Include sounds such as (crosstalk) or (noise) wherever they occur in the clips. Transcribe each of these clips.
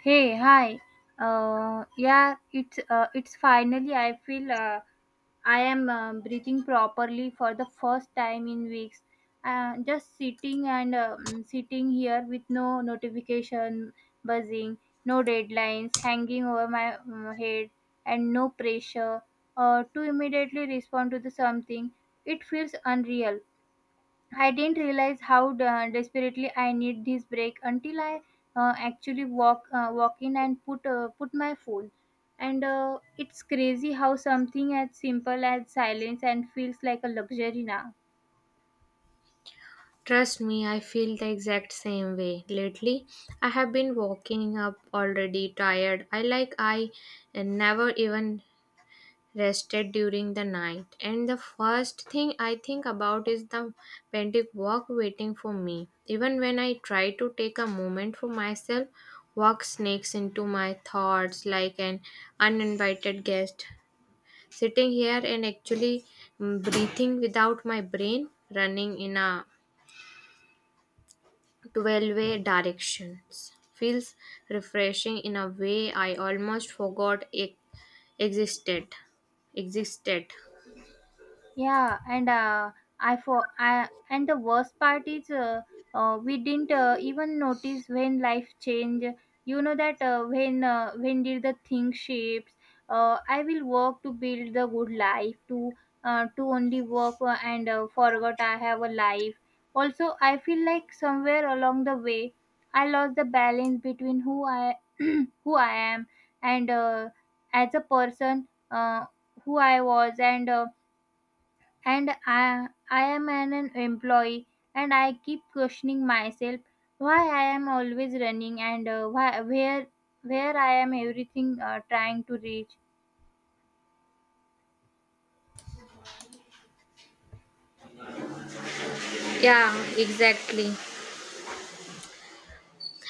Hey, hi. Yeah, it's finally. I feel I am breathing properly for the first time in weeks. Just sitting and sitting here with no notification buzzing, no deadlines hanging over my head, and no pressure to immediately respond to the something. It feels unreal. I didn't realize how desperately I need this break until I actually walk in and put my phone. And it's crazy how something as simple as silence and feels like a luxury now. Trust me, I feel the exact same way. Lately, I have been waking up already tired. I like I never even rested during the night. And the first thing I think about is the pending work waiting for me. Even when I try to take a moment for myself, work sneaks into my thoughts like an uninvited guest. Sitting here and actually breathing without my brain running in a 12-way directions feels refreshing in a way I almost forgot it existed. Existed. Yeah, and I for I and the worst part is we didn't even notice when life change. You know that when did the thing shapes? I will work to build the good life to only work and forgot I have a life. Also, I feel like somewhere along the way I lost the balance between who I (clears throat) who I am and as a person who I was and. I am an employee and I keep questioning myself why I am always running and why, where I am everything trying to reach. Yeah, exactly.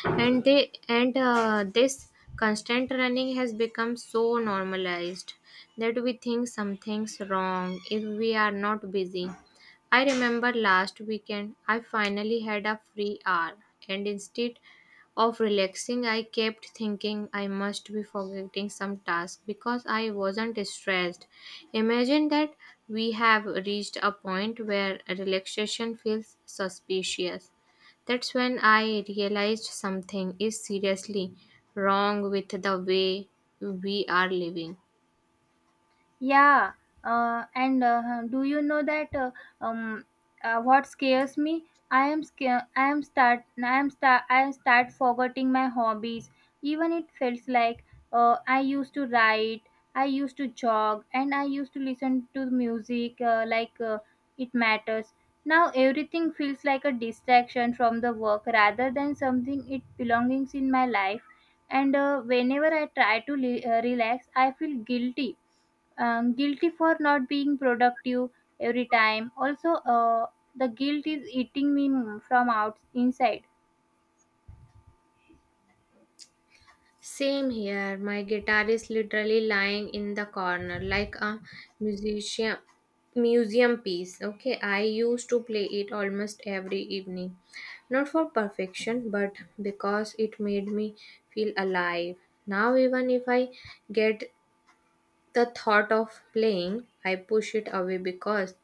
and they and This constant running has become so normalized that we think something's wrong if we are not busy. I remember last weekend I finally had a free hour, and instead of relaxing I kept thinking I must be forgetting some task because I wasn't stressed. Imagine that, we have reached a point where relaxation feels suspicious. That's when I realized something is seriously wrong with the way we are living. Yeah, do you know that um, what scares me? I am scared. I am start. I am start. I start forgetting my hobbies. Even it feels like I used to write. I used to jog, and I used to listen to music it matters. Now everything feels like a distraction from the work rather than something it belongs in my life. And whenever I try to relax, I feel guilty guilty for not being productive every time also the guilt is eating me from out inside. Same here, my guitar is literally lying in the corner like a musician museum piece. Okay, I used to play it almost every evening. Not for perfection, but because it made me feel alive. Now even if I get the thought of playing, I push it away because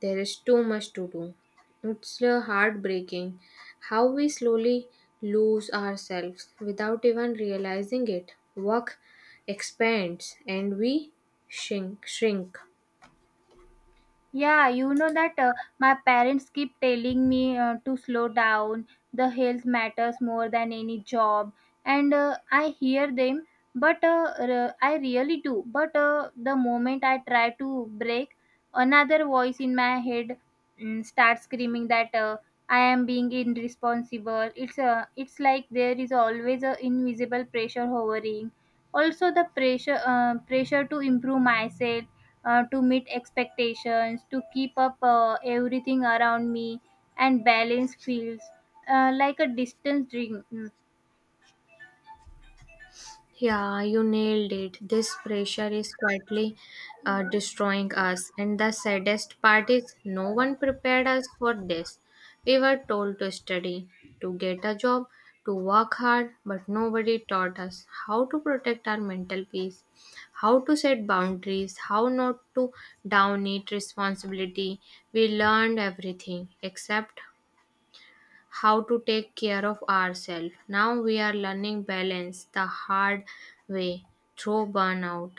there is too much to do. It's heartbreaking how we slowly lose ourselves without even realizing it. Work expands and we shrink. Yeah, you know that my parents keep telling me to slow down. The health matters more than any job, and I hear them, but I really do. But the moment I try to break, another voice in my head starts screaming that I am being irresponsible. It's like there is always a invisible pressure hovering. Also, the pressure pressure to improve myself to meet expectations, to keep up everything around me, and balance feels like a distant dream. Hmm. Yeah, you nailed it. This pressure is quietly destroying us. And the saddest part is, no one prepared us for this. We were told to study, to get a job, to work hard, but nobody taught us how to protect our mental peace, how to set boundaries, how not to down it responsibility. We learned everything except how to take care of ourselves. Now we are learning balance the hard way through burnout.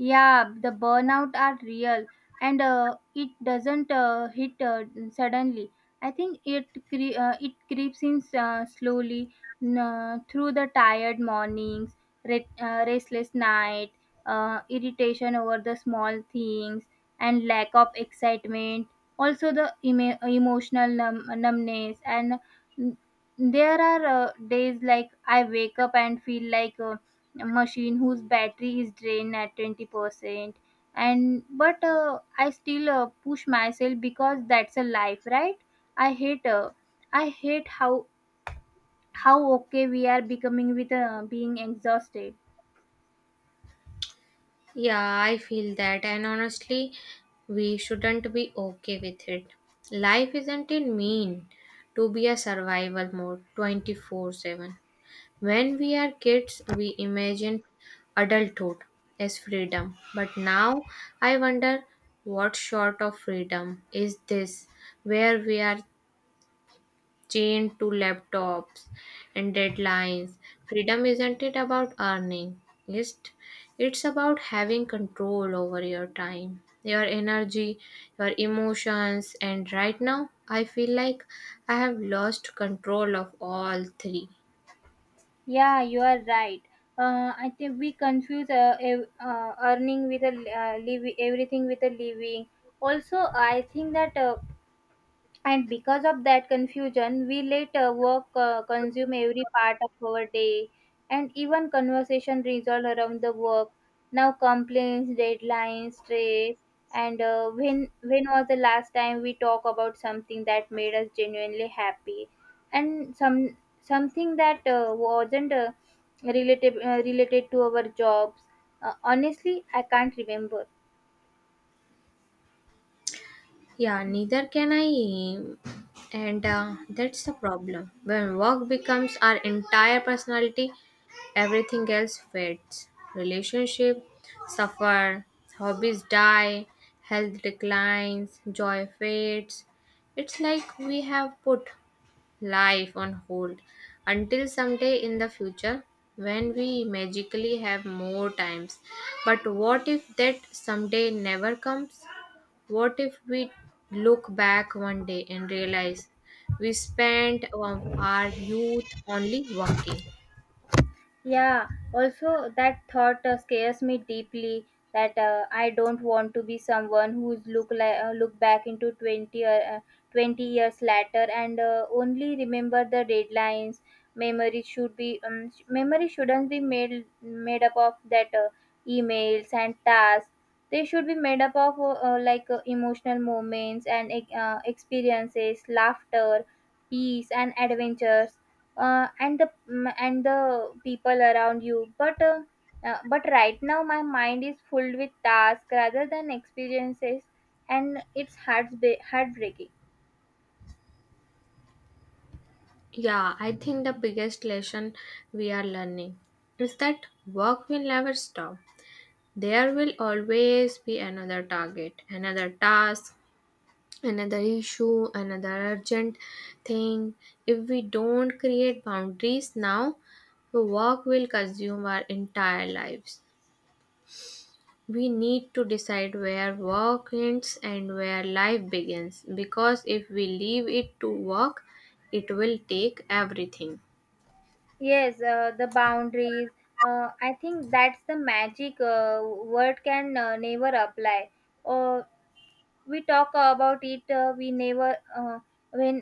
Yeah, the burnout are real and it doesn't hit suddenly. I think it creeps in slowly through the tired mornings, restless night, irritation over the small things, and lack of excitement. Also, the emo emotional numbness. And mm, there are days like I wake up and feel like machine whose battery is drained at 20%, and but I still push myself because that's a life, right? I hate i hate how how okay we are becoming with being exhausted. Yeah, I feel that, and honestly, we shouldn't be okay with it. Life isn't it mean to be a survival mode 24/7. When we are kids, we imagine adulthood as freedom, but now I wonder what sort of freedom is this where we are chained to laptops and deadlines. Freedom isn't it about earning, it's, it's about having control over your time, your energy, your emotions, and right now I feel like I have lost control of all three. Yeah, you are right. I think we confuse earning with a living everything with a living. Also I think that and because of that confusion, we let work consume every part of our day, and even conversation resolve around the work. Now complaints, deadlines, stress, and when was the last time we talk about something that made us genuinely happy, and something that wasn't related to our jobs. Honestly, I can't remember. Yeah, neither can I, and that's the problem. When work becomes our entire personality, everything else fades. Relationship suffer, hobbies die, health declines, joy fades. It's like we have put life on hold until someday in the future when we magically have more times. But what if that someday never comes? What if we look back one day and realize we spent our youth only working? Yeah, also that thought scares me deeply that I don't want to be someone who's look back into 20 or 20 years later and only remember the deadlines. Memory shouldn't be made made up of that emails and tasks. They should be made up of emotional moments and experiences, laughter, peace and adventures and and the people around you but right now my mind is filled with tasks rather than experiences, and it's heartbreaking. Yeah, I think the biggest lesson we are learning is that work will never stop. There will always be another target, another task, another issue, another urgent thing. If we don't create boundaries now, work will consume our entire lives. We need to decide where work ends and where life begins because if we leave it to work, it will take everything. Yes, the boundaries, I think that's the magic word can never apply. uh, we talk about it, we never when